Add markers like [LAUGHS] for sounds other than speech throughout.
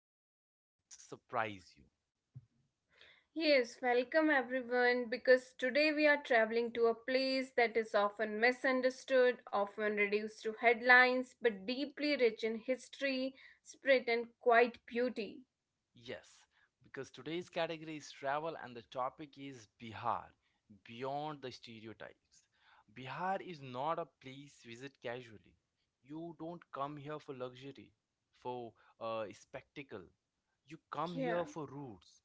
today's journey might surprise you. Yes, welcome everyone because today we are traveling to a place that is often misunderstood, often reduced to headlines, but deeply rich in history, spirit, and quiet beauty. Yes, because today's category is travel and the topic is Bihar, beyond the stereotypes. Bihar is not a place visit casually. You don't come here for luxury, for spectacle. You come here Yeah. for roots.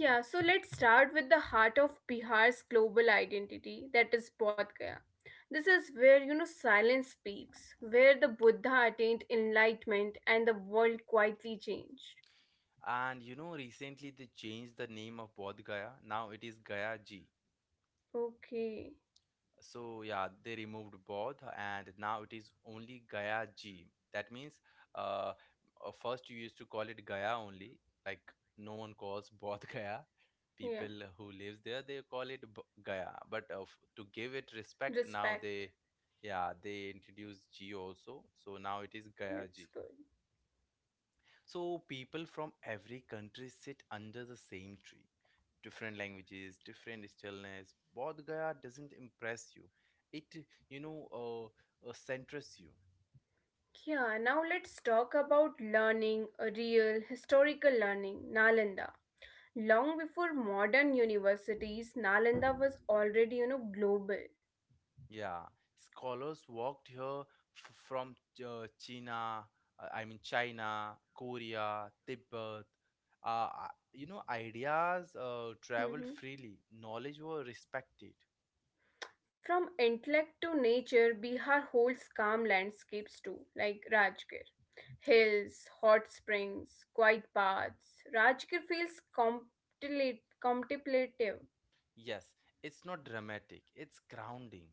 Yeah, so let's start with the heart of Bihar's global identity, that is Bodh Gaya. This is where silence speaks, where the Buddha attained enlightenment and the world quietly changed. And you know, recently they changed the name of Bodh Gaya. Now it is Gaya Ji. Okay, So yeah, they removed Bodh and now it is only Gaya Ji. That means uh, first you used to call it Gaya only. Like no one calls [LAUGHS] Bodh Gaya. yeah, People who lives there they call it Gaya. But to give it respect, now respect. they, yeah, they introduced Ji also. So now it is Gaya Ji. That's good. So people from every country sit under the same tree, different languages, different stillness. Bodh Gaya doesn't impress you. It centers you. Yeah, now let's talk about learning, real historical learning, Nalanda. Long before modern universities, Nalanda was already global. Yeah, scholars walked here from uh, China, I mean China, Korea, Tibet. Ideas traveled Mhm. freely. Knowledge were respected. From intellect to nature, Bihar holds calm landscapes too, like Rajgir. Hills, hot springs, quiet paths. Rajgir feels contemplative. Yes, it's not dramatic. It's grounding.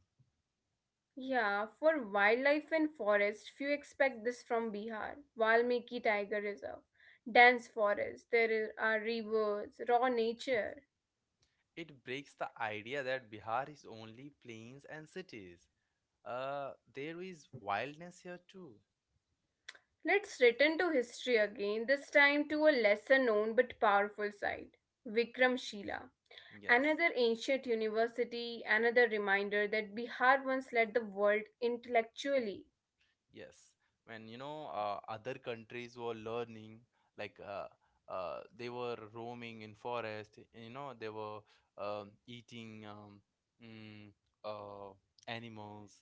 Yeah, for wildlife and forest, few expect this from Bihar, Valmiki Tiger Reserve. Dense forest, there are rivers, raw nature. It breaks the idea that Bihar is only plains and cities. There is wildness here too. Let's return to history again, this time to a lesser known but powerful site, Vikramshila. Yes, Another ancient university, another reminder that Bihar once led the world intellectually. yes. When other countries were learning, like they were roaming in forest. They were eating mm, uh, animals.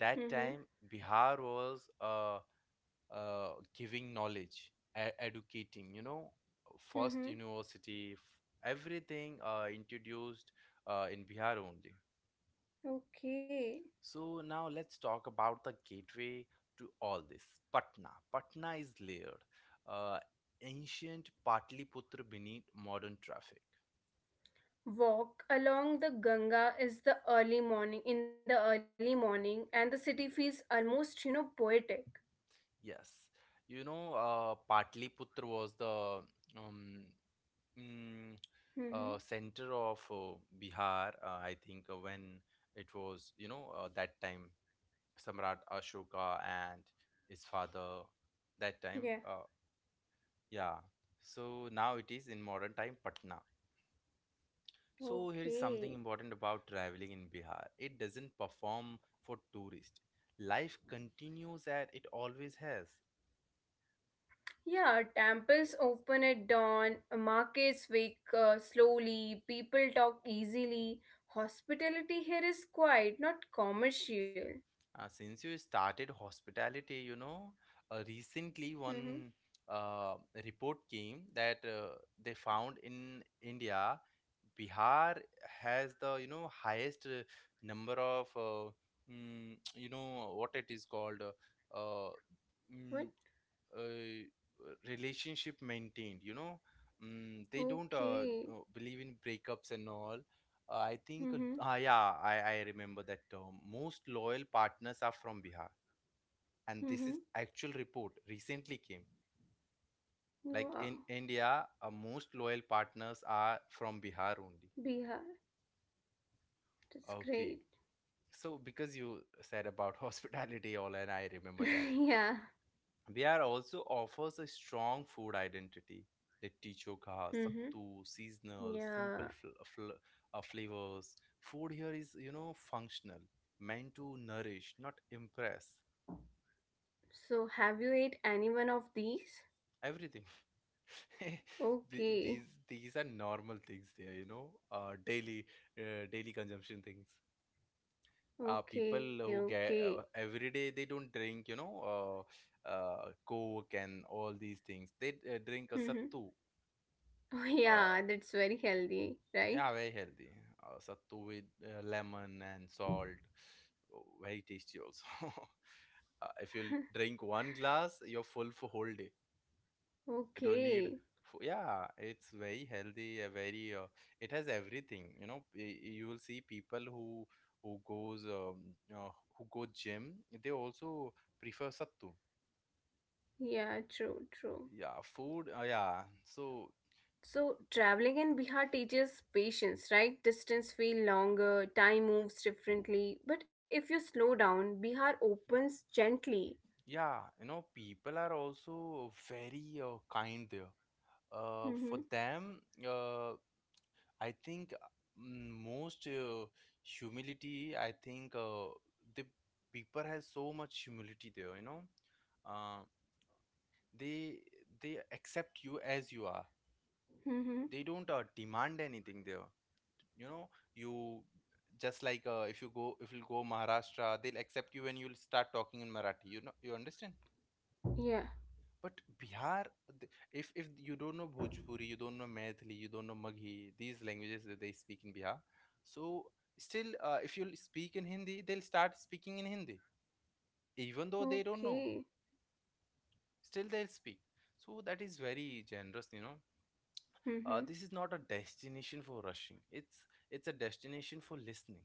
That Mm-hmm. time, Bihar was uh, giving knowledge, educating. First Mm-hmm. university, everything introduced in Bihar only. Okay. So now let's talk about the gateway to all this. Patna. Patna is layered. Uh, Ancient Patliputra beneath modern traffic. Walk along the Ganga is the early morning in the early morning and the city feels almost poetic. Yes, Patliputra was the um, mm, Mm-hmm. center of Bihar. I think when it was, that time Samrat Ashoka and his father. That time, Yeah. Yeah. So now it is in modern time Patna. So here is something Okay. important about traveling in Bihar. It doesn't perform for tourists. Life continues as it always has. Yeah, temples open at dawn, markets wake slowly, people talk easily. Hospitality here is quiet, not commercial. Since you started hospitality, you know, recently Mm-hmm. one uh, report came that they found in India, Bihar has the, highest number of [TSK] you know what it is called, uh, What? mm, relationship maintained. You know mm, they don't Okay. Believe in breakups and all. I think, Mm-hmm. Yeah, I remember that term. Most loyal partners are from Bihar, and this Mm-hmm. is actual report recently came. Like Wow. in India, most loyal partners are from Bihar only. Bihar. That's Okay. great. So because you said about [LAUGHS] hospitality all, and I remember that, [LAUGHS] Yeah. Bihar also offers a strong food identity. Litti chokha, Mm-hmm. sattu, seasonal, simple Yeah. Flavors. Food here is, you know, functional, meant to nourish, not impress. So, have you ate any one of these? Everything. [LAUGHS] The- these Okay, these are normal things there, daily daily consumption things. Okay, People who get okay. Every day they don't drink, coke and all these things. They drink a Mhm. sattu. [LAUGHS] Oh, uh, yeah, that's very healthy, Yeah, right? very healthy. Sattu with lemon and salt. Oh, very tasty also. [LAUGHS] If you drink one glass, you're full for whole day. You don't need. Okay, Yeah, it's very healthy. A very. It has everything. You will see people who goes um, uh, who go gym. They also prefer sattu. yeah, true, true. Yeah, food. Yeah, so, So, traveling in Bihar teaches patience, right? Distance feel longer, time moves differently. But if you slow down, Bihar opens gently. yeah, people are also very kind there. For Mm-hmm. them, uh, I think most humility. I think the people has so much humility there. Uh, they they accept you as you are. They Mm-hmm. don't demand anything there. You know, you just, like, if you go Maharashtra, they'll accept you when you'll start talking in Marathi. You know, you understand? Yeah. But Bihar, th- if you don't know Bhojpuri, you don't know Maithili, you don't know Maghi, these languages that they speak in Bihar. So still, if you'll speak in Hindi, they'll start speaking in Hindi, even though they don't Okay. know. Still, they'll speak. So that is very generous, you know. This Mm-hmm. is not a destination for rushing. It's a destination for listening.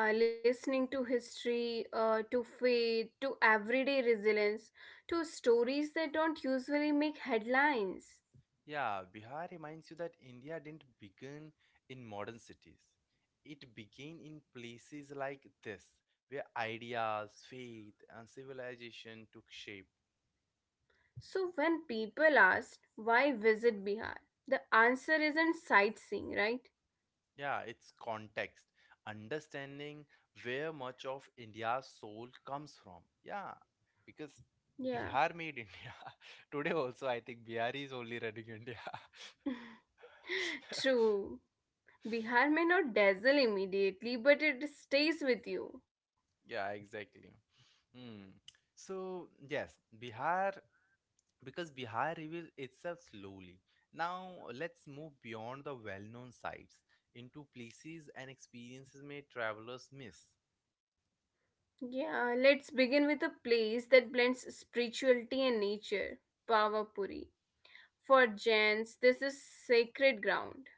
Yeah, listening to history, to faith, to everyday resilience, to stories that don't usually make headlines. Yeah, Bihar reminds you that India didn't begin in modern cities. It began in places like this, where ideas, faith, and civilization took shape. So, when people ask why visit Bihar, the answer isn't sightseeing, right? Yeah, its context, understanding where much of India's soul comes from. Yeah, because Yeah. Bihar made India. [LAUGHS] Today also, I think Bihar is only running India. [LAUGHS] [LAUGHS] True. Bihar may not dazzle immediately, but it stays with you. Yeah, exactly. Hmm. So, yes, Bihar, because Bihar reveals itself slowly. Now, let's move beyond the well known sites into places and experiences may travelers miss. Yeah, let's begin with a place that blends spirituality and nature, Pavapuri. For Jains, this is sacred ground.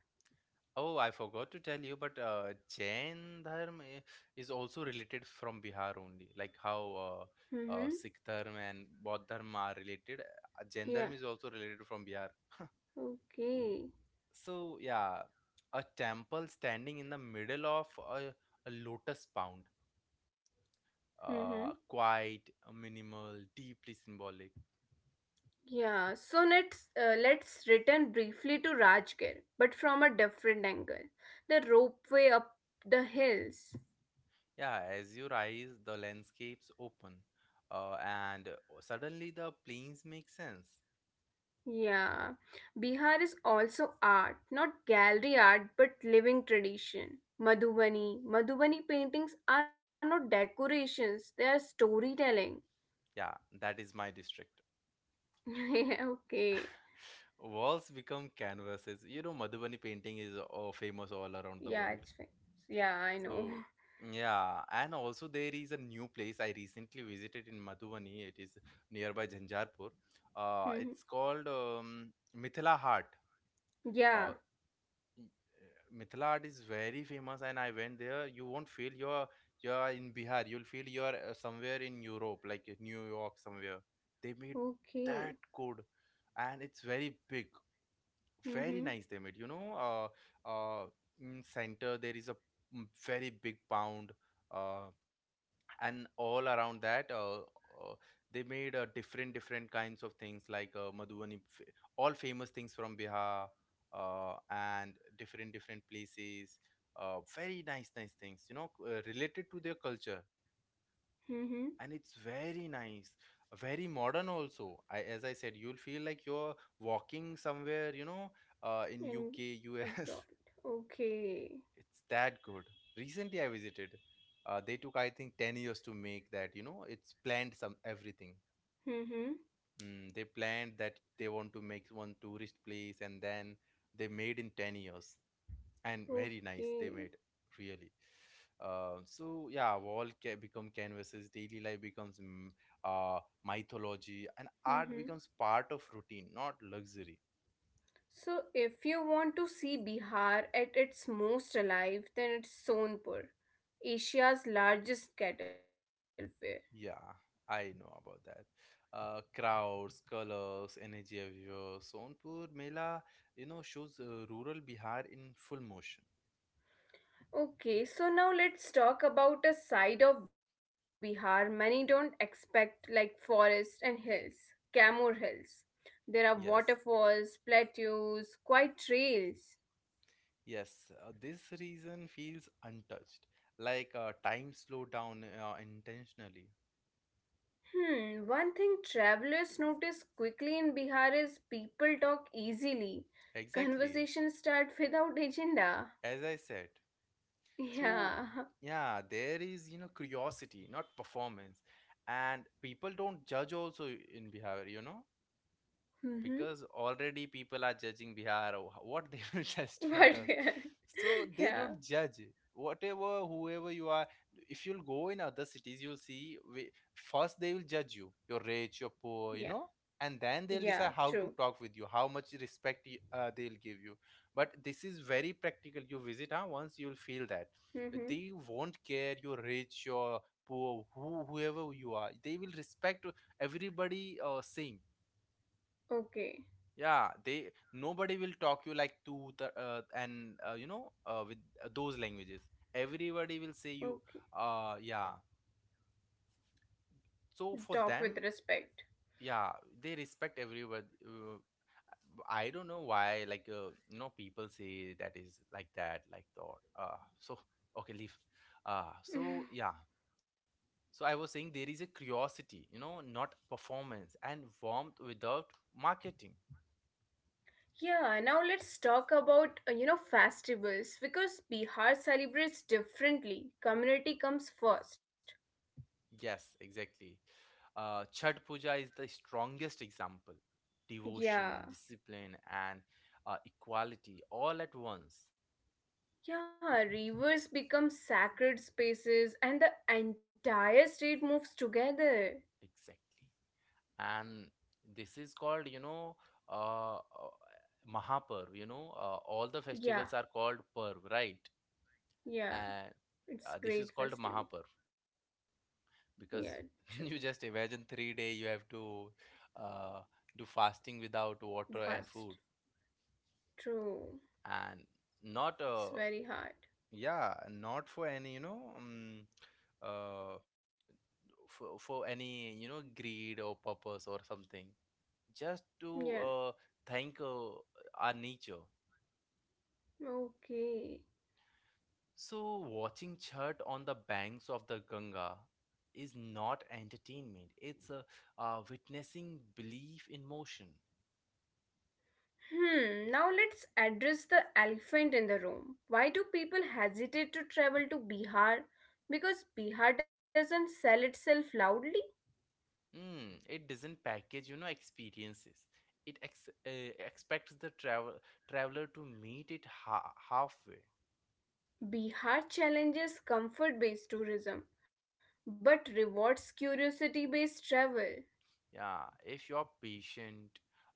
Oh, I forgot to tell you, but Jain Dharma is also related from Bihar only. Like how Mm-hmm. Sikh Dharma and Bodh Dharma are related, Jain Dharma Yeah. is also related from Bihar. [LAUGHS] Okay. So, yeah, a temple standing in the middle of a lotus, Mm-hmm. Quiet, minimal, deeply symbolic. Yeah. So let's return briefly to Rajgir, but from a different angle. The ropeway up the hills. Yeah, as you rise, the landscapes open, and suddenly the plains make sense. Yeah. Bihar is also art, not gallery art, but living tradition. Madhubani, Madhubani paintings are not decorations; they are storytelling. Yeah, that is my district. [LAUGHS] Yeah. Okay. Walls become canvases. Madhubani painting is famous all around the Yeah. world. It's fine. Yeah. I know. So, [LAUGHS] yeah, and also there is a new place I recently visited in Madhubani. It is nearby Jhanjarpur. Mm-hmm. It's called Mithila Heart. Uh, Yeah. Y- Mithila art is very famous, and I went there. You won't feel you're in Bihar. You'll feel you're somewhere in Europe, like in New York, somewhere. They made that Okay. good, and it's very big, very Mm-hmm. nice. They made, uh, in center there is a very big pound, uh, and all around that, they made different kinds of things, like Madhubani, all famous things from Bihar, and different places, very nice things, you know, related to their culture. Mm-hmm. And it's very nice, very modern also. I, as I said, you'll feel like you're walking somewhere, you know, in UK, In US. abroad. [LAUGHS] Okay. It's that good. Recently, I visited. They took, I think, 10 years to make that. It's planned some everything. Mm-hmm. They planned that they want to make one tourist place, and then they made in 10 years, and very nice. They Okay. made really. So, yeah, wall become canvases. Daily life becomes uh, mythology, and art Mm-hmm. becomes part of routine, not luxury. So if you want to see Bihar at its most alive, then it's Sonpur, Asia's largest cattle fair. Yeah, I know about that. Crowds, colors, energy everywhere. Sonpur Mela shows rural Bihar in full motion. Okay, so now let's talk about a side of Bihar many don't expect, like forests and hills, Camor Hills. There are Yes, waterfalls, plateaus, quiet trails. yes. This reason feels untouched, like time slowed down intentionally. Hmm, one thing travelers notice quickly in Bihar is people talk easily. Exactly, Conversations start without agenda. as I said. [LAUGHS] So, Yeah. yeah, there is curiosity, not performance. And people don't judge also in Bihar, you know? Mm-hmm. Because already people are judging Bihar, what they will [LAUGHS] judge to But others. yeah. So [LAUGHS] they Yeah. don't judge whatever whoever you are. If you'll go in other cities, you'll see, first they will judge you. You're rich, you're Yeah. poor, you know, and then they'll Yeah, decide how true. to talk with you, how much respect they'll give you. But this is very practical. You visit, huh? Once you'll feel that they Mm-hmm. won't care. You're rich, you're poor, whoever you are, they will respect everybody. Same, Okay. yeah. They nobody will talk you like tu, the, and with those languages. Everybody will say you, Okay. Yeah. So for Talk with them, respect. [LAUGHS] yeah, they respect everybody. I don't know why, like, people say that is like that, like, thought. So, [LAUGHS] okay, leave. So, Mhm. yeah. So I was saying there is a curiosity, you know, not performance, and warmth without marketing. Yeah, now let's talk about festivals because Bihar celebrates differently. Community comes first. Yes, exactly. Chhat Puja is the strongest example. Devotion, Yeah. discipline, and equality all at once. Yeah, rivers become sacred spaces and the entire state moves together. Exactly. And this is called, you know, uh, uh, Mahaparv. All the festivals are Yeah, called Parv, right? yeah. And this It's is called great Mahaparv, festive. Yeah, because true. [LAUGHS] you just imagine 3 day you have to uh, do fasting without water and food, Vast. True. and not It's very hard. yeah, not for any, you know, uh, for any, you know, greed or purpose or something, just Yeah. to thank our nature. Okay. So, watching chhat on the banks of the Ganga is not entertainment, it's witnessing belief in motion. Hmm, now let's address the elephant in the room. Why do people hesitate to travel to Bihar? Because Bihar doesn't sell itself loudly? Mm, it doesn't package, you know, experiences. It expects the traveler to meet it halfway. Bihar challenges comfort based tourism but rewards curiosity based travel. Yeah, if you're patient,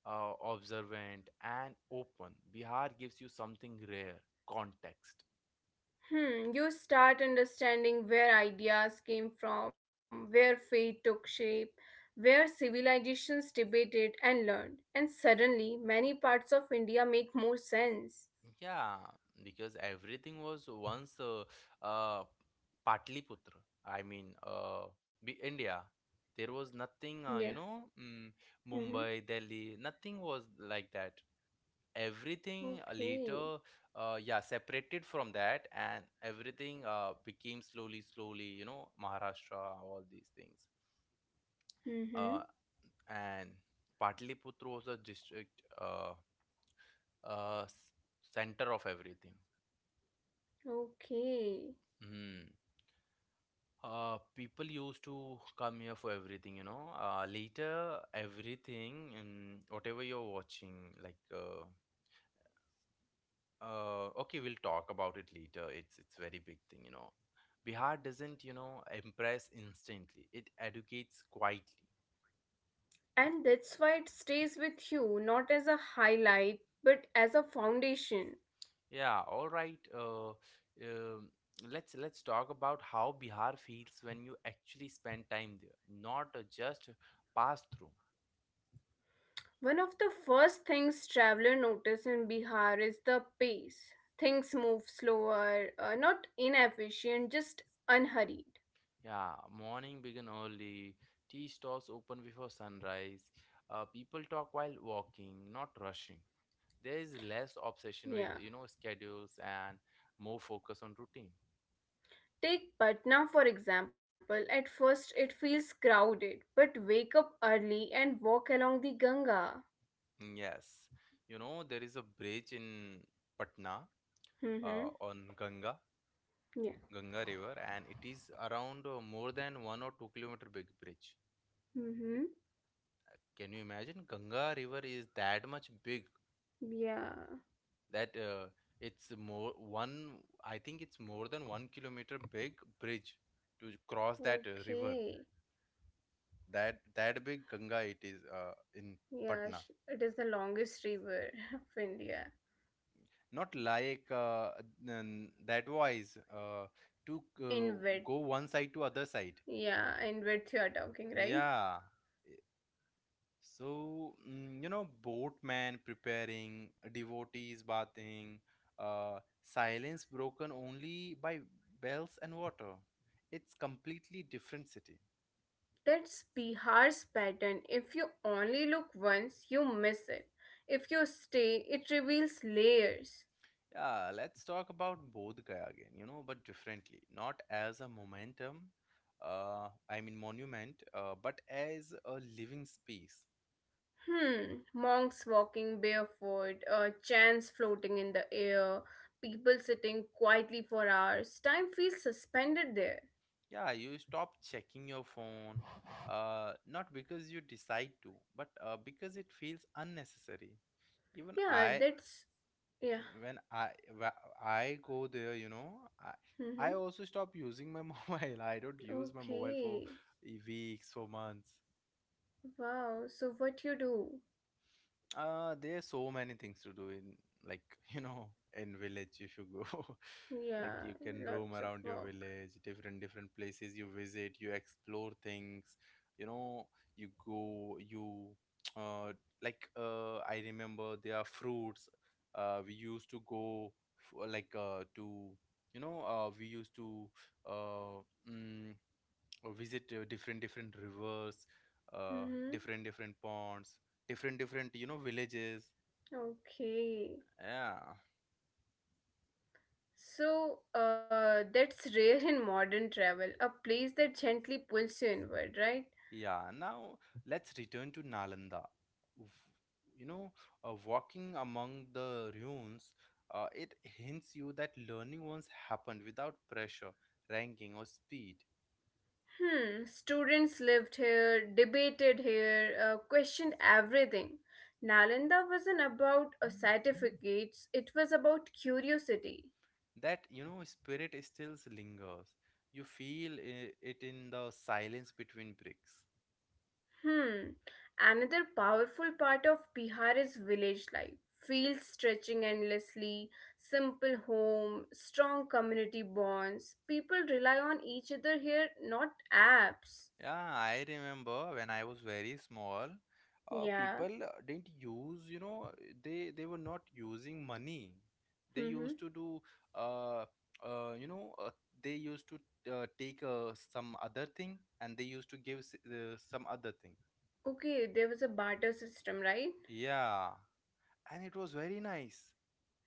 observant, and open, Bihar gives you something rare, context. Hmm, you start understanding where ideas came from, where fate took shape, where civilizations debated and learned, and suddenly many parts of India make more sense. Yeah, because everything was once uh, Patliputra. I mean, India. There was Yeah. nothing, Mm-hmm. Mumbai, Delhi, nothing was like that. Everything Okay. later, yeah, separated from that, and everything became slowly, slowly, you know, Maharashtra, all these things. Mm-hmm. uh, and Patliputra was a district uh, s- center of everything. Okay. Hmm. People used to come here for everything, you know. Later, everything, whatever you're watching, okay, we'll talk about it later. It's very big thing, you know. Bihar doesn't, you know, impress instantly. It educates quietly. And that's why it stays with you, not as a highlight, but as a foundation. Yeah, all right. Um, let's talk about how Bihar feels when you actually spend time there, not just pass through. One of the first things traveler notice in Bihar is the pace. Things move slower, not inefficient, just unhurried. Yeah, morning begin early, tea stalls open before sunrise. People talk while walking, not rushing. There is less obsession with Yeah. you know schedules and more focus on routine. Take Patna for example. At first it feels crowded, but wake up early and walk along the Ganga. Yes, you know there is a bridge in Patna Mhm. on Yeah. Ganga River, and it is around more than 1 or 2 kilometer big bridge. Mhm. Can you imagine? Ganga River is that much big Yeah. that it's more one. I think it's more than 1 kilometer big bridge to cross that river. Okay. That big Ganga it is in Yeah, Patna. It is the longest river [LAUGHS] of India Not like that wise to in go width. one side to other side. Yeah, in width you are talking, right? Yeah, so, you know, boatmen preparing, devotees bathing, silence broken only by bells and water. It's completely different city. That's Bihar's pattern. If you only look once, you miss it. If you stay, it reveals layers. Yeah, let's talk about Bodh Gaya again, you know, but differently. Not as a momentum, I mean monument, but as a living space. Hmm, monks walking barefoot, chants floating in the air, people sitting quietly for hours. Time feels suspended there. Yeah, you stop checking your phone, not because you decide to, but because it feels unnecessary even Yeah, I that's. Yeah. when I wh- I go there, you know, I Mm-hmm. I also stop using my [LAUGHS] mobile. I don't use my mobile for Okay. Weeks, for months. Wow, so what you do? There's so many things to do in like [LAUGHS] you know in village if you go. [LAUGHS] Like Yeah, you can roam lots of around your work. village different different places you visit you explore things, you know, you go you [TSK] uh like I remember there are fruits we used to go f- like to you know we used to uh mm, visit different different rivers, Mm-hmm. different different ponds, different different, you know, villages, Okay. yeah. So that's rare in modern travel, a place that gently pulls you inward, right? Yeah, now let's return to Nalanda. W- You know, walking among the ruins, it hints you that learning once happened without pressure, ranking, or speed. Hmm, students lived here, debated here, questioned everything. Nalanda wasn't about certificates, it was about curiosity. That, you know, spirit still lingers. You feel it in the silence between bricks. Hmm, another powerful part of Bihar is village life. Fields stretching endlessly, simple home, strong community bonds. People rely on each other here, not apps. Yeah, I remember when I was very small, Yeah. people didn't use, you know, they were not using money. They Mm-hmm. used to do, uh, you know, they used to take some other thing and they used to give some other thing. Okay, there was a barter system, right? Yeah, and it was very nice.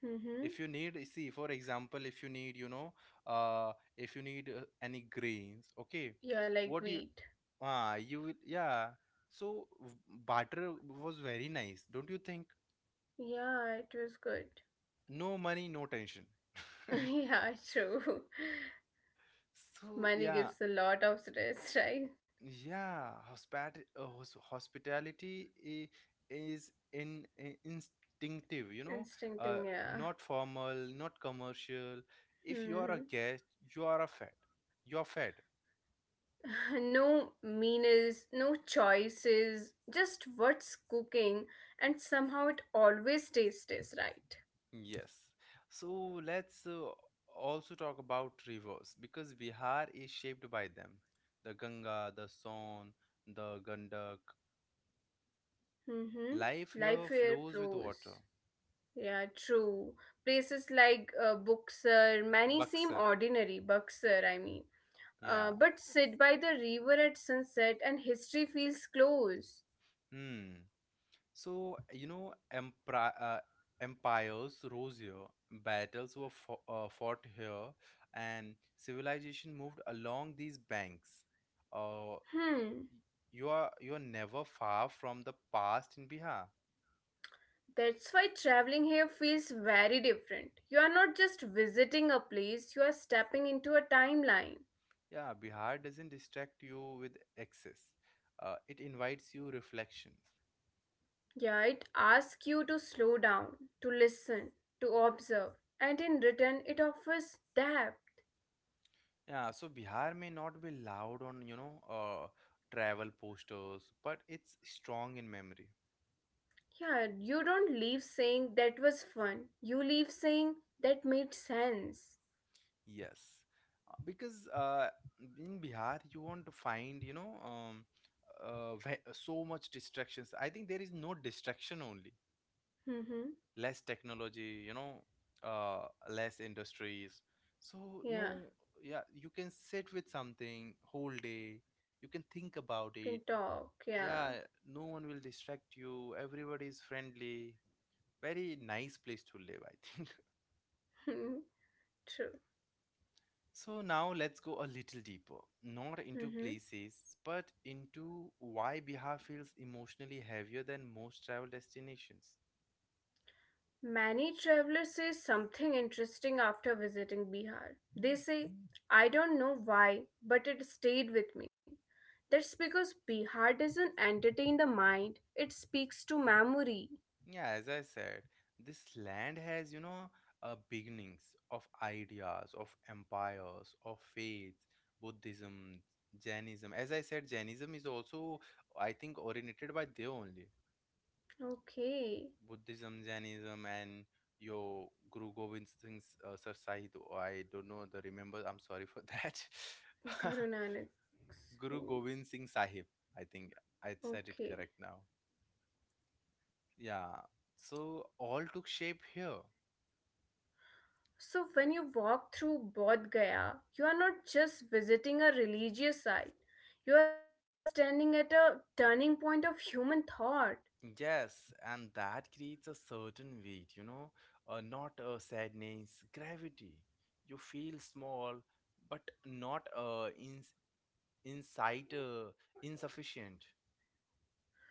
Mm-hmm. If you need, see, for example, if you need, you know, if you need any grains, okay, Yeah, like what you wheat. Ah, you will- yeah. So barter was very nice, don't you think? Yeah, it was good. No money, no tension. [LAUGHS] Yeah, true. So Money yeah, gives a lot of stress, [LAUGHS] right? yeah. Hospitality is in, instinctive, you know, Instincting, yeah. not formal, not commercial. If you are a Mm-hmm. guest, you are a fed. You're fed. [LAUGHS] No meanness, no choices, just what's cooking, and somehow it always tastes right. Yes. So let's also talk about rivers because Bihar is shaped by them. The Ganga, the Son, the Gandak. Mm-hmm. Life Life here here flows with water. flows. Yeah, true. Places like Buxar, many seem Buxar. ordinary, Buxar, I mean. Uh, Yeah. but sit by the river at sunset and history feels close. Hmm. So, you know, empri empires rose here, battles were fo fought here, and civilization moved along these banks. Uh, Hmm, y- you are never far from the past in Bihar. that's why traveling here feels very different. You are not just visiting a place, you are stepping into a timeline. Yeah, Bihar doesn't distract you with excess. It invites you reflections. Yeah, it asks you to slow down, to listen, to observe, and in return, it offers depth. Yeah, so Bihar may not be loud on, you know, travel posters, but it's strong in memory. Yeah, you don't leave saying that was fun. You leave saying that made sense. Yes. Because in Bihar you won't find, you know, so much distractions. I think there is no distraction only. Mm-hmm. Less technology, you know, less industries, so Yeah, no, yeah, you can sit with something whole day, you can think about can it, talk. Yeah, yeah, no one will distract you, everybody is friendly, very nice place to live, I think. [LAUGHS] true. [LAUGHS] So now let's go a little deeper, not into Mm-hmm. places but into why Bihar feels emotionally heavier than most travel destinations. Many travelers say something interesting after visiting Bihar. They say, I don't know why, but it stayed with me. That's because Bihar doesn't entertain the mind, it speaks to memory. Yeah, as I said, this land has, you know, beginnings of ideas, of empires, of faiths, Buddhism, Jainism. As I said, Jainism is also, I think, originated by they only. Okay, Buddhism, Jainism, and your Guru Gobind Singh's Sir Sahib. Oh, I don't know the remember. I'm sorry for that. Guru Nanak's [LAUGHS] Guru name. Gobind Singh Sahib. I think I Okay. said it correct now. Yeah. So all took shape here. So, when you walk through Bodh Gaya, you are not just visiting a religious site, you are standing at a turning point of human thought. Yes, and that creates a certain weight, you know, not a sadness, gravity. You feel small, but not inside insufficient.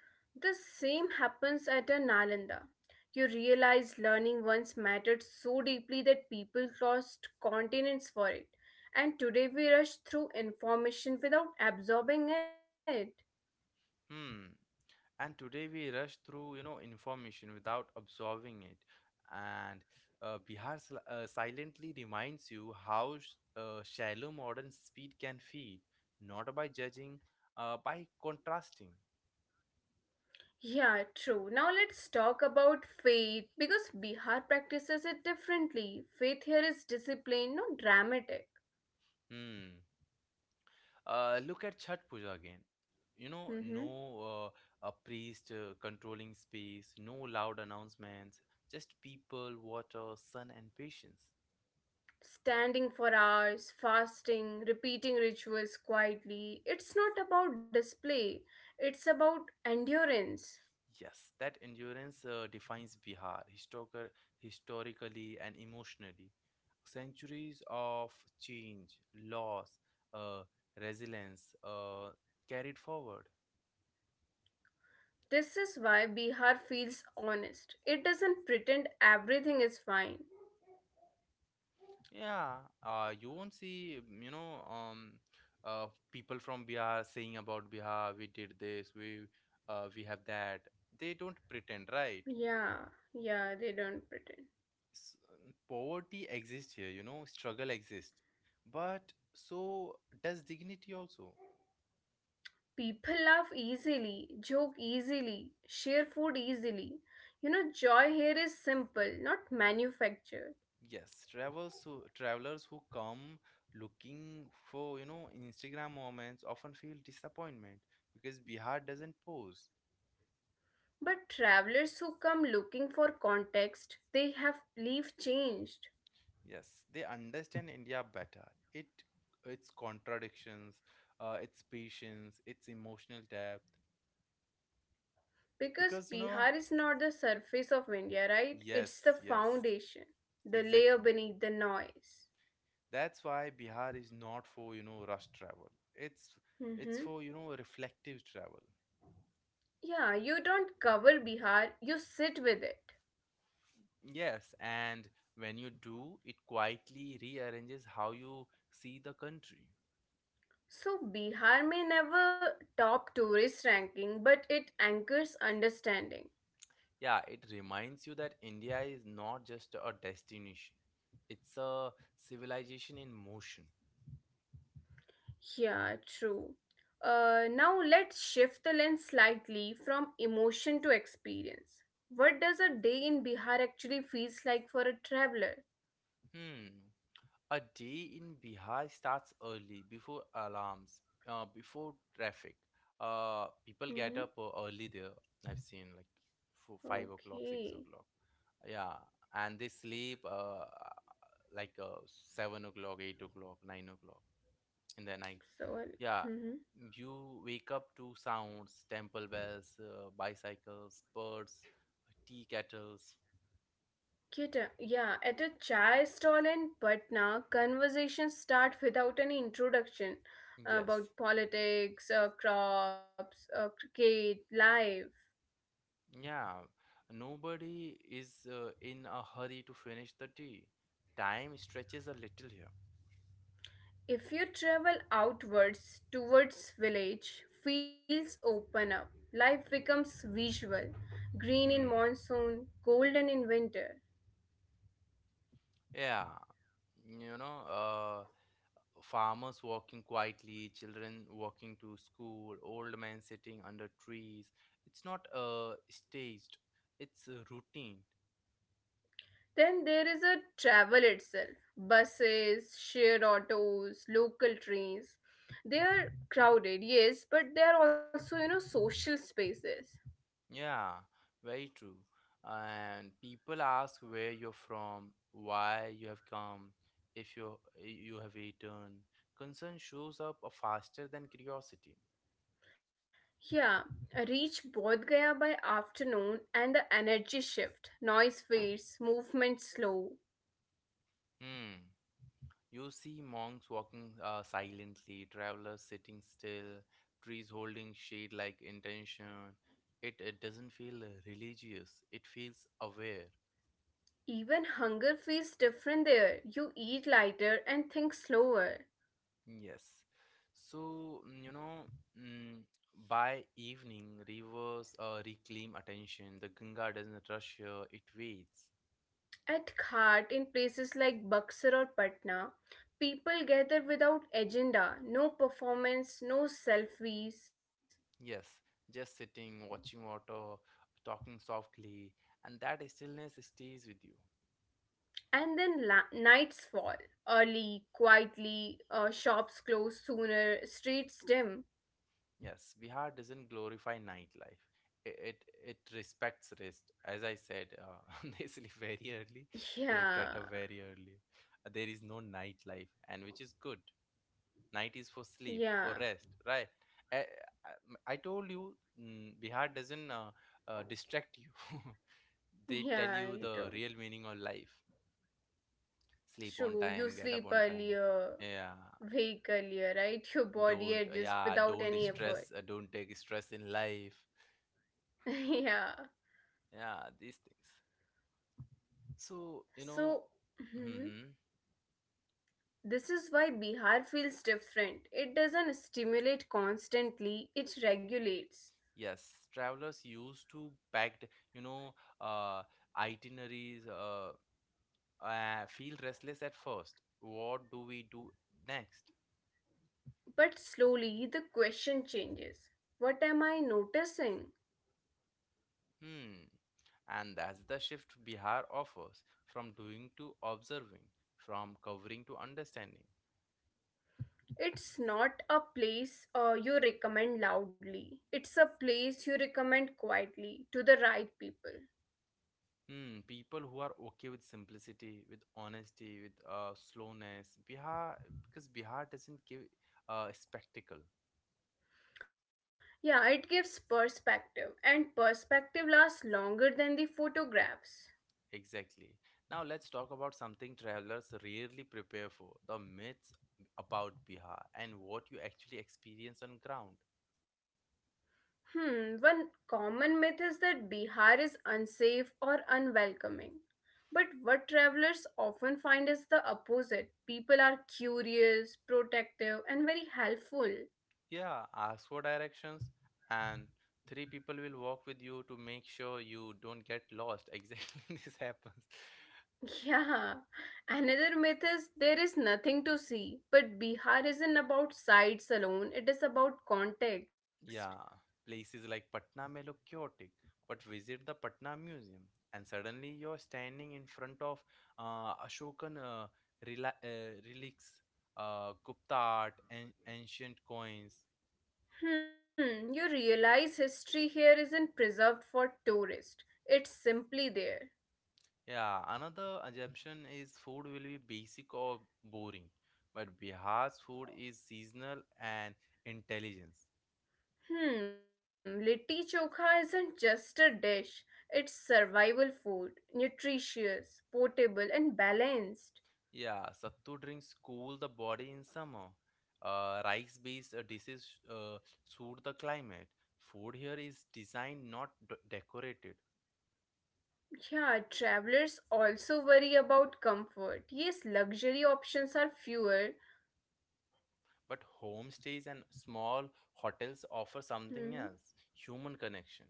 The same happens at a Nalanda. You realize learning once mattered so deeply that people crossed continents for it, and today we rush through information without absorbing it. Hmm. And today we rush through, you know, information without absorbing it. And Bihar silently reminds you how shallow modern speed can feed, not by judging, by contrasting. Yeah, true. Now let's talk about faith because Bihar practices it differently. Faith here is discipline, not dramatic. Hmm. Look at Chhat Puja again. You know, Hmm. no a priest controlling space, no loud announcements, just people, water, sun, and patience. Standing for hours, fasting, repeating rituals quietly. It's not about display, it's about endurance. Yes, that endurance historically and emotionally. Centuries of change, loss, uh, resilience carried forward. This is why Bihar feels honest. It doesn't pretend everything is fine. Yeah, you won't see, you know, people from Bihar saying about Bihar, we did this, we have that. They don't pretend, right? Yeah, yeah, they don't pretend. S- Poverty exists here, you know, struggle exists, but so does dignity also. People laugh easily, joke easily, share food easily. Joy here is simple, not manufactured. Yes, travelers who come looking for, you know, Instagram moments often feel disappointment because Bihar doesn't pose. But travelers who come looking for context, they have leave changed. Yes, they understand India better. It its contradictions, its patience, its emotional depth. Because Because you know, Bihar is not the surface of India, right? yes, It's the yes, foundation, the layer exactly. beneath the noise. That's why Bihar is not for you know rush travel. It's Mm-hmm. for you know reflective travel. Yeah, you don't cover Bihar, you sit with it. Yes, and when you do, it quietly rearranges how you see the country. So Bihar may never top tourist ranking, but it anchors understanding. Yeah, it reminds you that India is not just a destination; it's a civilization in motion. Yeah, true. Now let's shift the lens slightly from emotion to experience. What does a day in Bihar actually feels like for a traveler? Hmm. A day in Bihar starts early, before alarms, before traffic. People Mm-hmm. get up early there. I've seen like for 5 o'clock, six Okay. o'clock. Yeah, and they sleep like uh, 7 o'clock, 8 o'clock, 9 o'clock in the night. So, Yeah, mm-hmm. you wake up to sounds, temple bells, bicycles, birds, tea kettles. Kita, yeah, at a chai stall in Patna, conversations start without any introduction Yes. about politics, crops, cricket, life. Yeah, nobody is in a hurry to finish the tea. Time stretches a little here. If you travel outwards towards village, fields open up. Life becomes visual, green in Hmm. monsoon, golden in winter. Yeah, you know, farmers walking quietly, children walking to school, old men sitting under trees. It's not staged, it's routine. Then there is a travel itself. Buses, shared autos, local trains. They are crowded, yes, but they are also social spaces. Yeah, very true. And people ask where you're from, why you have come, if you have returned. Concern shows up faster than curiosity. Yeah, reach Bodh Gaya by afternoon and the energy shift. Noise fades, movement slow. Hmm. You see monks walking silently, travelers sitting still, trees holding shade like intention. It doesn't feel religious. It feels aware. Even hunger feels different there. You eat lighter and think slower. Yes. So, you know, mm, by evening, rivers reclaim attention. The Ganga doesn't rush here, it waits. At Ghat, in places like Buxar or Patna, people gather without agenda, no performance, no selfies. Yes, just sitting, watching water, talking softly, and that stillness stays with you. And then nights fall early, quietly, shops close sooner, streets dim. Yes, Bihar doesn't glorify nightlife. It respects rest. As I said, [LAUGHS] they sleep very early, they get Yeah, up very early. There is no nightlife, and which is good. Night is for sleep, for yeah, rest, right? i, I I told you, Bihar doesn't distract you. [LAUGHS] They tell yeah, you you the don't. real meaning of life. Sleep on True, you time, get up sleep on time, earlier, yeah. wake earlier, right? [LAUGHS] Your body adjusts without Don't any effort. stress, don't take stress in life, [LAUGHS] Yeah, yeah, these things. So you know. so. Mm-hmm. Hmm. This is why Bihar feels different. It doesn't stimulate constantly, it regulates. Yes, travelers used to packed, you know, uh itineraries feel restless at first. What do we do next? But slowly, the question changes. What am I noticing? Hmm. And that's the shift Bihar offers, from doing to observing, from covering to understanding. It's not a place you recommend loudly, it's a place you recommend quietly to the right people. Hmm. People who are okay with simplicity, with honesty, with slowness. Because Bihar doesn't give a spectacle. Yeah, it gives perspective, and perspective lasts longer than the photographs. Exactly. Now let's talk about something travelers rarely prepare for, the myths about Bihar and what you actually experience on ground. Hmm, one common myth is that Bihar is unsafe or unwelcoming. But what travelers often find is the opposite. People are curious, protective, and very helpful. Yeah, ask for directions, and 3 people will walk with you to make sure you don't get lost. [LAUGHS] Exactly, this happens. [LAUGHS] Yeah. Another myth is there is nothing to see. But Bihar isn't about sights alone, it is about context. Yeah, places like Patna may look chaotic, but visit the Patna Museum, and suddenly you're standing in front of Ashokan relics, Gupta art, and ancient coins. Hmm, you realize history here isn't preserved for tourists, it's simply there. Yeah, another assumption is food will be basic or boring, but Bihar's food is seasonal and intelligence. Hmm, litti chokha isn't just a dish. It's survival food, nutritious, portable, and balanced. Yeah, sattu drinks cool the body in summer. Rice-based dishes suit the climate. Food here is designed, not decorated. Yeah, travelers also worry about comfort. Yes, luxury options are fewer. But homestays and small hotels offer something Hmm. else, human connection.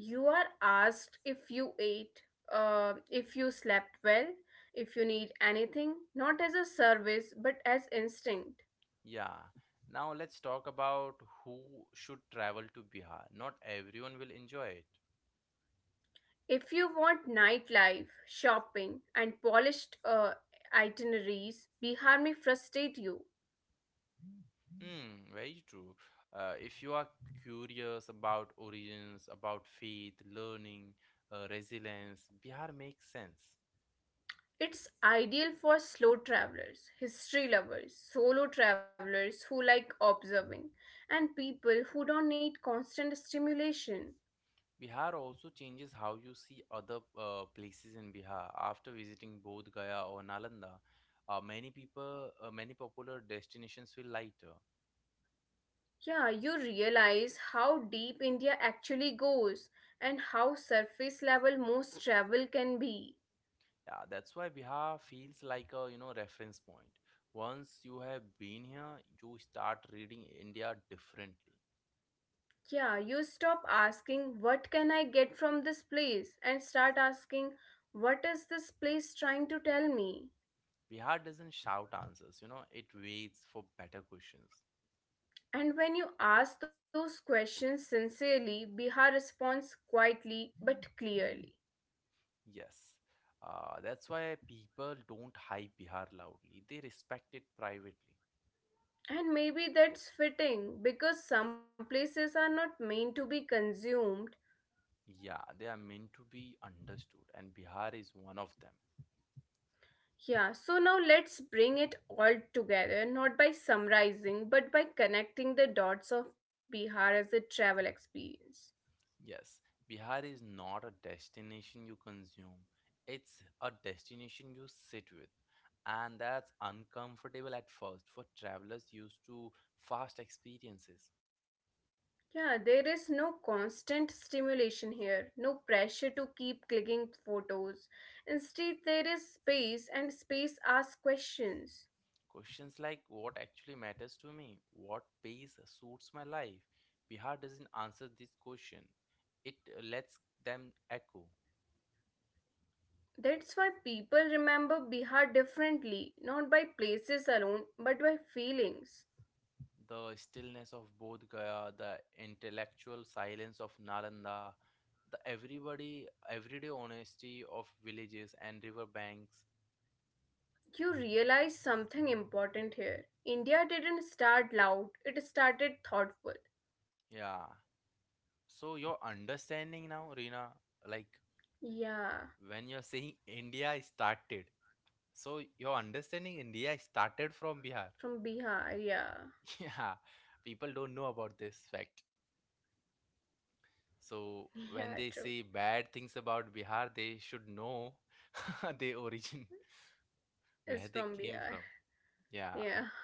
You are asked if you ate, if you slept well, if you need anything, not as a service but as instinct. Yeah. Now let's talk about who should travel to Bihar. Not everyone will enjoy it. If you want nightlife, shopping, and polished itineraries, Bihar may frustrate you. Hmm, very true. If you are curious about origins, about faith, learning, resilience, Bihar makes sense. It's ideal for slow travelers, history lovers, solo travelers who like observing, and people who don't need constant stimulation. Bihar also changes how you see other places in Bihar. After visiting Bodh Gaya or Nalanda, many popular destinations feel lighter. Yeah, you realize how deep India actually goes and how surface level most travel can be. Yeah, that's why Bihar feels like a, you know, reference point. Once you have been here, you start reading India differently. Yeah, you stop asking, What can I get from this place? And start asking, What is this place trying to tell me? Bihar doesn't shout answers, you know, it waits for better questions. And when you ask those questions sincerely, Bihar responds quietly but clearly. Yes. That's why people don't hype Bihar loudly. They respect it privately. And maybe that's fitting because some places are not meant to be consumed. Yeah, they are meant to be understood, and Bihar is one of them. Yeah, so now let's bring it all together, not by summarizing, but by connecting the dots of Bihar as a travel experience. Yes, Bihar is not a destination you consume, it's a destination you sit with. And that's uncomfortable at first for travelers used to fast experiences. Yeah, there is no constant stimulation here, no pressure to keep clicking photos. Instead, there is space, and space asks questions. Questions like what actually matters to me, what pace suits my life. Bihar doesn't answer this question, it lets them echo. That's why people remember Bihar differently, not by places alone, but by feelings. The stillness of Bodh Gaya, the intellectual silence of Nalanda, the everybody everyday honesty of villages and river banks. You realize something important here. India didn't start loud, it started thoughtful. Yeah. So your understanding now, Rina, like Yeah, when you're saying [LAUGHS] India is started, so your understanding India is started from Bihar. from Bihar, yeah. [LAUGHS] Yeah. People don't know about this fact. So [LAUGHS] Yeah, when true. they say bad things about Bihar, they should know [LAUGHS] their origin, [LAUGHS] where It's they from came from. Bihar. Yeah. Yeah.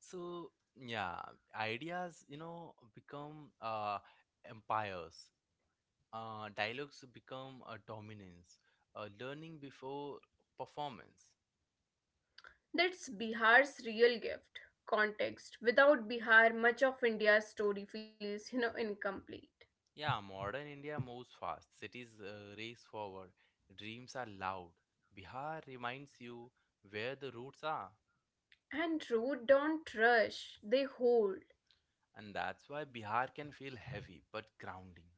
So yeah, ideas, you know, become empires. Dialogues become a dominance. Learning before performance. That's Bihar's real gift context. Without Bihar, much of India's story feels, incomplete. Yeah, modern India moves fast. Cities race forward. Dreams are loud. Bihar reminds you where the roots are, And root don't rush, they hold. and that's why Bihar can feel heavy but grounding.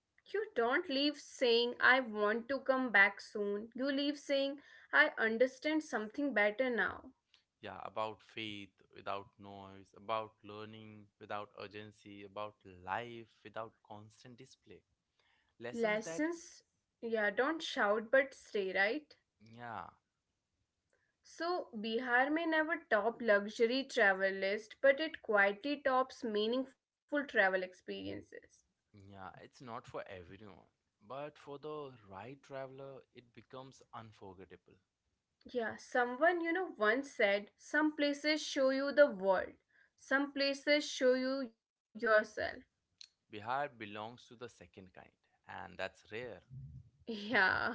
You don't leave saying, I want to come back soon. You leave saying, I understand something better now. Yeah, about faith without noise, about learning without urgency, about life without constant display. Lessons that, Lessons, yeah, don't shout but stay, right? yeah, So, Bihar may never top luxury travel list, but it quietly tops meaningful travel experiences. yeah, it's not for everyone. But for the right traveler, it becomes unforgettable. Yeah, someone you know once said, some places show you the world, some places show you yourself. Bihar belongs to the second kind, and that's rare. [LAUGHS] Yeah.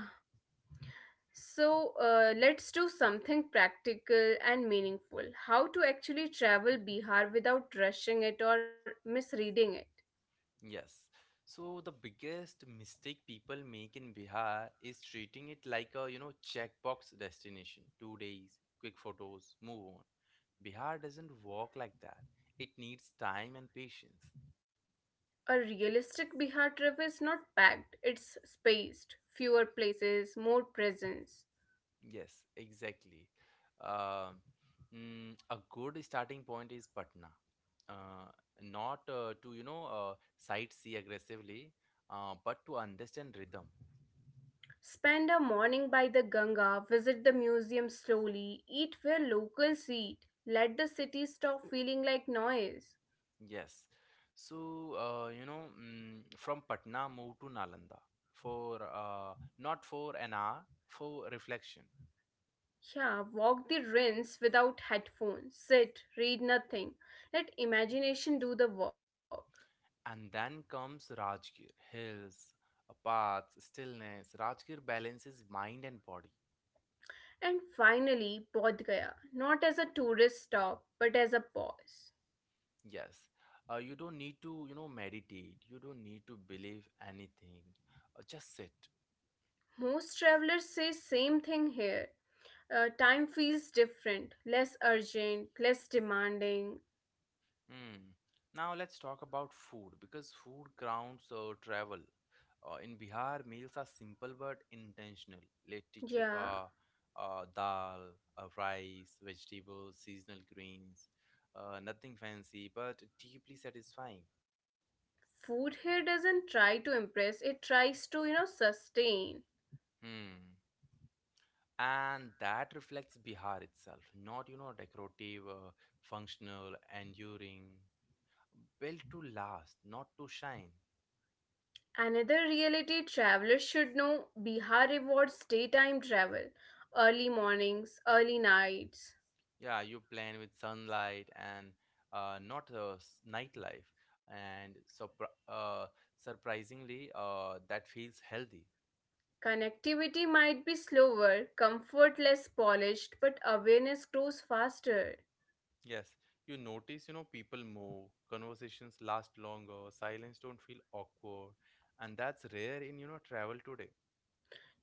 So let's do something practical and meaningful. How to actually travel Bihar without rushing it or misreading it. Yes. So the biggest mistake people make in Bihar is treating it like a, you know, checkbox destination. 2 days, quick photos, move on. Bihar doesn't work like that. It needs time and patience. A realistic Bihar trip is not packed, it's spaced, fewer places, more presence. Yes, exactly. Uh, a good starting point is Patna. Uh, not to, you know, sightsee aggressively, but to understand rhythm. Spend a morning by the Ganga, visit the museum slowly, eat where locals eat, let the city stop feeling like noise. Yes. So, you know, from Patna, moved to Nalanda for not for an hour, for reflection. Yeah, walk the Rhins without headphones, sit, read nothing, let imagination do the work. And then comes Rajgir, hills, paths, stillness. Rajgir balances mind and body. And finally, Bodh Gaya, not as a tourist stop, but as a pause. Yes. You don't need to, you know, meditate. You don't need to believe anything. Just sit. Most travelers say same thing here. Time feels different, less urgent, less demanding. Hmm. Now let's talk about food because food grounds travel. In Bihar, meals are simple but intentional. Litti Yeah. chokha, dal, rice, vegetables, seasonal greens. Nothing fancy but deeply satisfying. Food here doesn't try to impress, it tries to, sustain. Hmm. And that reflects Bihar itself, not you know decorative, functional, enduring, built to last, not to shine. Another reality travelers should know Bihar rewards daytime travel, early mornings, early nights. Yeah, you plan with sunlight and not nightlife, and surprisingly, that feels healthy. Connectivity might be slower, comfort less polished, but awareness grows faster. Yes, you notice, you know, people move, conversations last longer, silence don't feel awkward, and that's rare in, you know, travel today.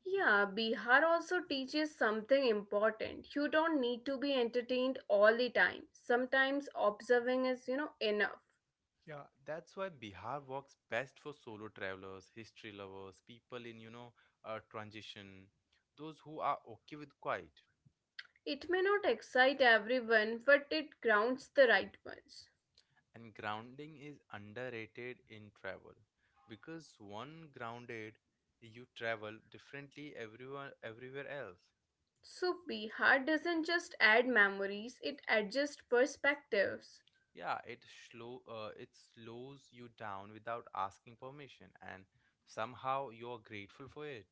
Yeah, Bihar also teaches something important. You don't need to be entertained all the time. Sometimes observing is, enough. Yeah, that's why Bihar works best for solo travelers, history lovers, people in, you know, transition, those who are okay with quiet. It may not excite everyone, but it grounds the right ones. And grounding is underrated in travel because one grounded, you travel differently everyone everywhere else. So, Bihar doesn't just add memories, it adjusts perspectives. Yeah, it slow it slows you down without asking permission, and somehow you are grateful for it.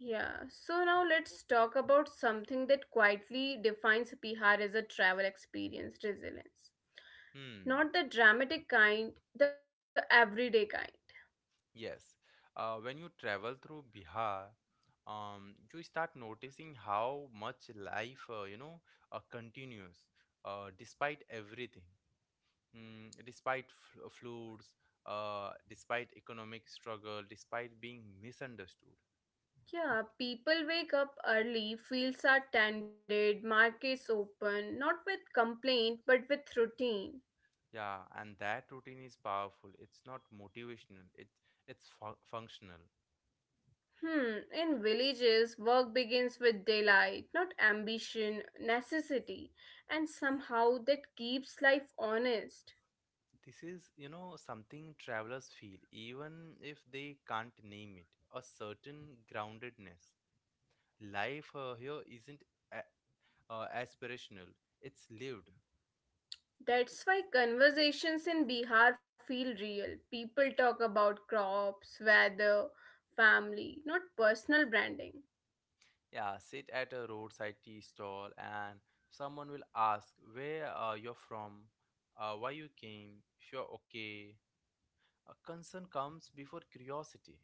Yeah, so now let's talk about something that quietly defines Bihar as a travel experience resilience. Hmm. Not the dramatic kind, the everyday kind. Yes. When you travel through Bihar, you start noticing how much life you know continues despite everything. Mm, despite floods, despite economic struggle, despite being misunderstood. Yeah, people wake up early, fields are tended, markets open, not with complaint but with routine. Yeah, and that routine is powerful. It's not motivational. It's functional. Hmm, in villages, work begins with daylight, not ambition, necessity, and somehow that keeps life honest. This is, you know, something travelers feel, even if they can't name it. A certain groundedness. Life here isn't a- aspirational. It's lived. That's why conversations in Bihar feel real. People talk about crops, weather, family, not personal branding. Yeah, sit at a roadside tea stall and someone will ask where you're from, why you came, if you're okay. A concern comes before curiosity.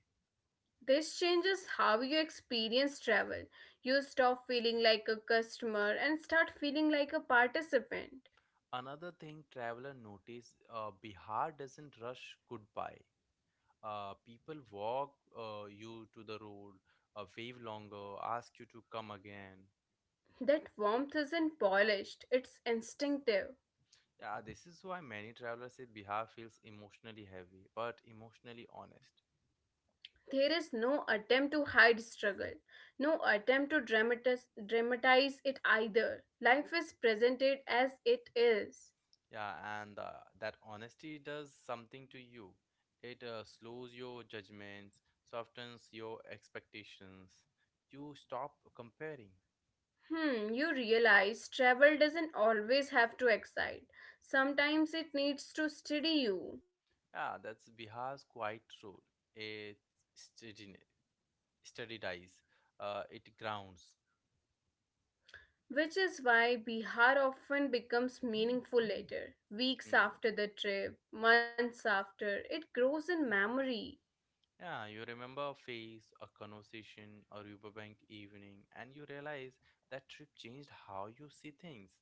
This changes how you experience travel. You stop feeling like a customer and start feeling like a participant. Another thing traveler notice, Bihar doesn't rush goodbye. People walk you to the road, wave longer, ask you to come again. That warmth isn't polished, it's instinctive. Yeah, this is why many travelers say Bihar feels emotionally heavy, but emotionally honest. There is no attempt to hide struggle, no attempt to dramatize it either. Life is presented as it is. Yeah, and that honesty does something to you. It slows your judgments, softens your expectations. You stop comparing. Hmm, you realize travel doesn't always have to excite. Sometimes it needs to steady you, Yeah, that's Bihar's quiet role. It steadiness, steadies, it grounds. which is why Bihar often becomes meaningful later. Weeks Mm. after the trip, months after, it grows in memory. Yeah, you remember a face, a conversation, a riverbank evening, and you realize that trip changed how you see things.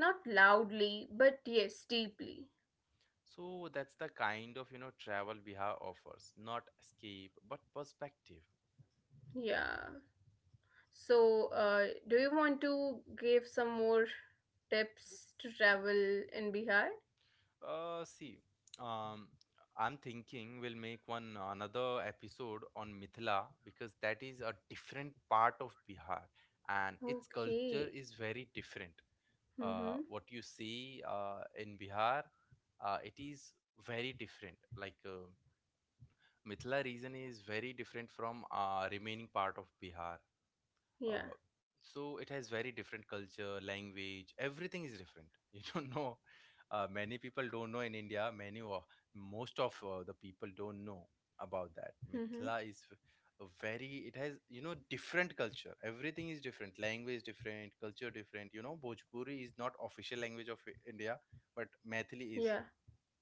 Not loudly, but yes, deeply. So that's the kind of you know travel Bihar offers, not escape but perspective. Yeah. So, do you want to give some more tips to travel in Bihar? See, um, I'm thinking we'll make one another episode on Mithila because that is a different part of Bihar and its culture Okay. is very different. Mm-hmm. What you see in Bihar, it is very different. Like Mithila region is very different from remaining part of Bihar. Yeah. uh, so it has very different culture, language, everything is different. [LAUGHS] You don't know, many people don't know in India, many or most of the people don't know about that. Mm-hmm. Mithila is a very, it has you know different culture, everything is different, language different, culture different, you know. Bhojpuri is not official language of India, but Methili is. Yeah.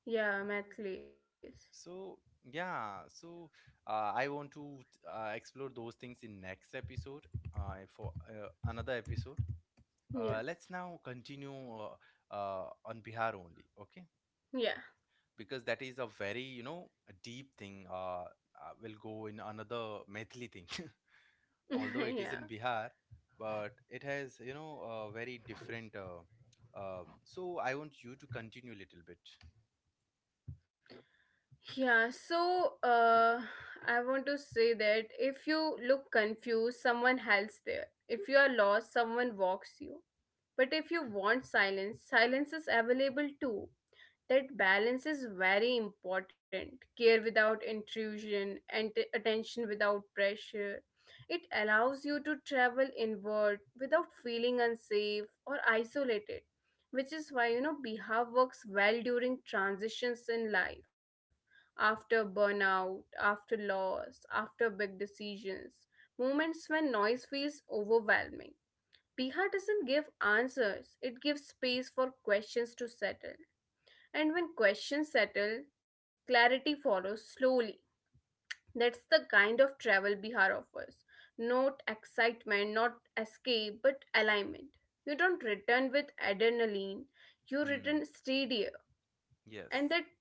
Yeah, my place. So yeah, so I want to explore those things in next episode, for another episode. Yeah. Let's now continue on Bihar only, okay? Yeah. Because that is a very, you know, a deep thing. We'll go in another Maithili thing, [LAUGHS] although it is [LAUGHS] in Yeah. Bihar, but it has, you know, a very different. So I want you to continue a little bit. Yeah, so I want to say that if you look confused, someone helps there. If you are lost, someone walks you. But if you want silence, silence is available too. That balance is very important, care without intrusion and attention without pressure. It allows you to travel inward without feeling unsafe or isolated, which is why, bihav works well during transitions in life, after burnout, after loss, after big decisions, moments when noise feels overwhelming. Biha doesn't give answers, it gives space for questions to settle. And when questions settle, clarity follows slowly. That's the kind of travel Bihar offers. Not excitement, not escape, but alignment. You don't return with adrenaline, you Hmm. return steadier. And Yes. that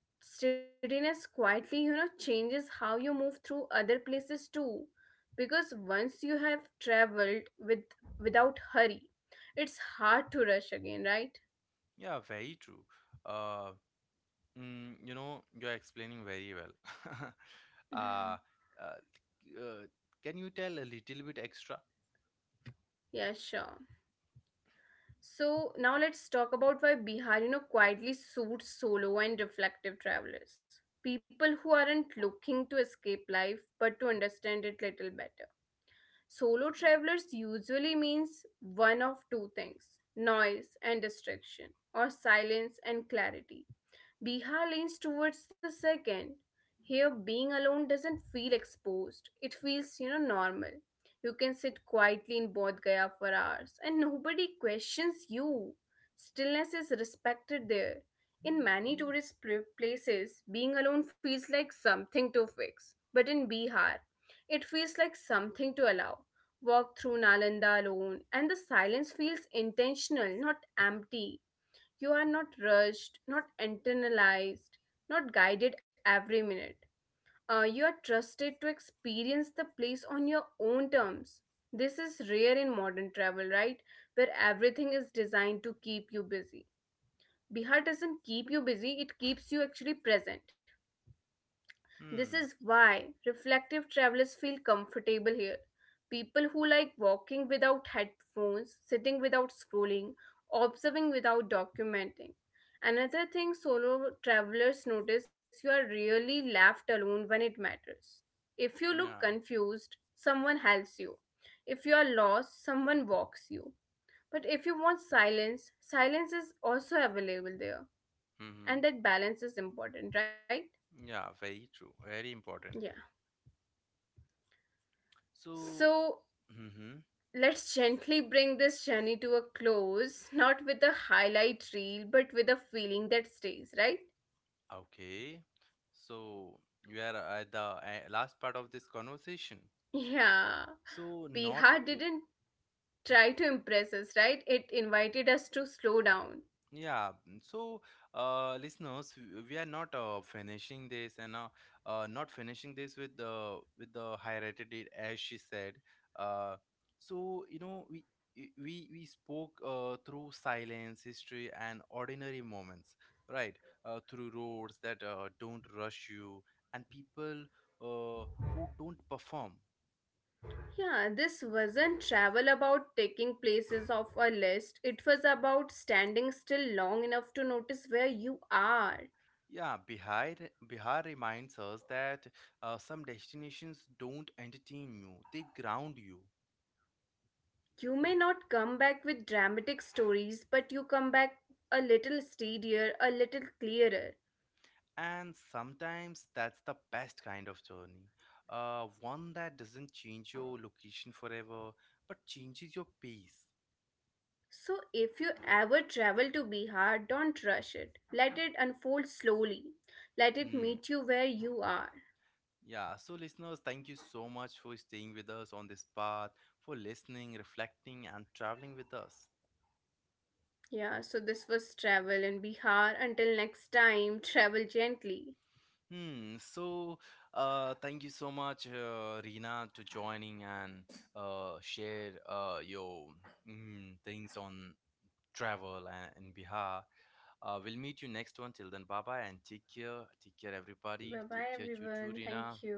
steadiness quietly, changes how you move through other places too. Because once you have traveled with without hurry, it's hard to rush again, right? Yeah, very true. Uh, you know, you're explaining very well. [LAUGHS] uh, uh, [LAUGHS] uh, can you tell a little bit extra? Yeah, sure. So now let's talk about why Bihar, quietly suits solo and reflective travelers. People who aren't looking to escape life but to understand it little better. Solo travelers usually means one of two things, noise and distraction, or silence and clarity. Bihar leans towards the second. Here, being alone doesn't feel exposed. It feels, normal. You can sit quietly in Bodh Gaya for hours and nobody questions you. Stillness is respected there. In many tourist places, being alone feels like something to fix. But in Bihar, it feels like something to allow. Walk through Nalanda alone, and the silence feels intentional, not empty. You are not rushed, not internalized, not guided every minute. You are trusted to experience the place on your own terms. This is rare in modern travel, right? Where everything is designed to keep you busy. Bihar doesn't keep you busy, it keeps you actually present. This Hmm. is why reflective travelers feel comfortable here. People who like walking without headphones, sitting without scrolling, observing without documenting. Another thing solo travelers notice, you are really left alone when it matters. If you look Yeah. confused, someone helps you. If you are lost, someone walks you. But if you want silence, silence is also available there. Mm-hmm. And that balance is important, right? Yeah, very true. Very important. Yeah. So, So mm-hmm. let's gently bring this journey to a close, not with a highlight reel, but with a feeling that stays, right? Okay. So, we are at the last part of this conversation. Yeah. So, not. Bihar didn't try to impress us, right? It invited us to slow down. Yeah, so listeners, we are not finishing this and not finishing this with the high rated it as she said. Uh, so you know we we spoke through silence, history, and ordinary moments, right? Through roads that don't rush you and people uh, who don't perform. Yeah, this wasn't travel about taking places off a list. It was about standing still long enough to notice where you are. Yeah, Bihar reminds us that some destinations don't entertain you, they ground you. You may not come back with dramatic stories, but you come back a little steadier, a little clearer. And sometimes that's the best kind of journey. One that doesn't change your location forever, but changes your pace. So, if you ever travel to Bihar, don't rush it. Let it unfold slowly. Let it Mm, meet you where you are. yeah, so listeners, thank you so much for staying with us on this path, for listening, reflecting, and traveling with us. Yeah, so this was travel in Bihar. Until next time, [LAUGHS] travel gently. Hmm. So, thank you so much, Rina, to joining and share your things on travel and in Bihar. We'll meet you next one. Till then, bye bye and take care. Take care, Bye bye, everybody. Take care, you everyone. too, Thank Rina. you.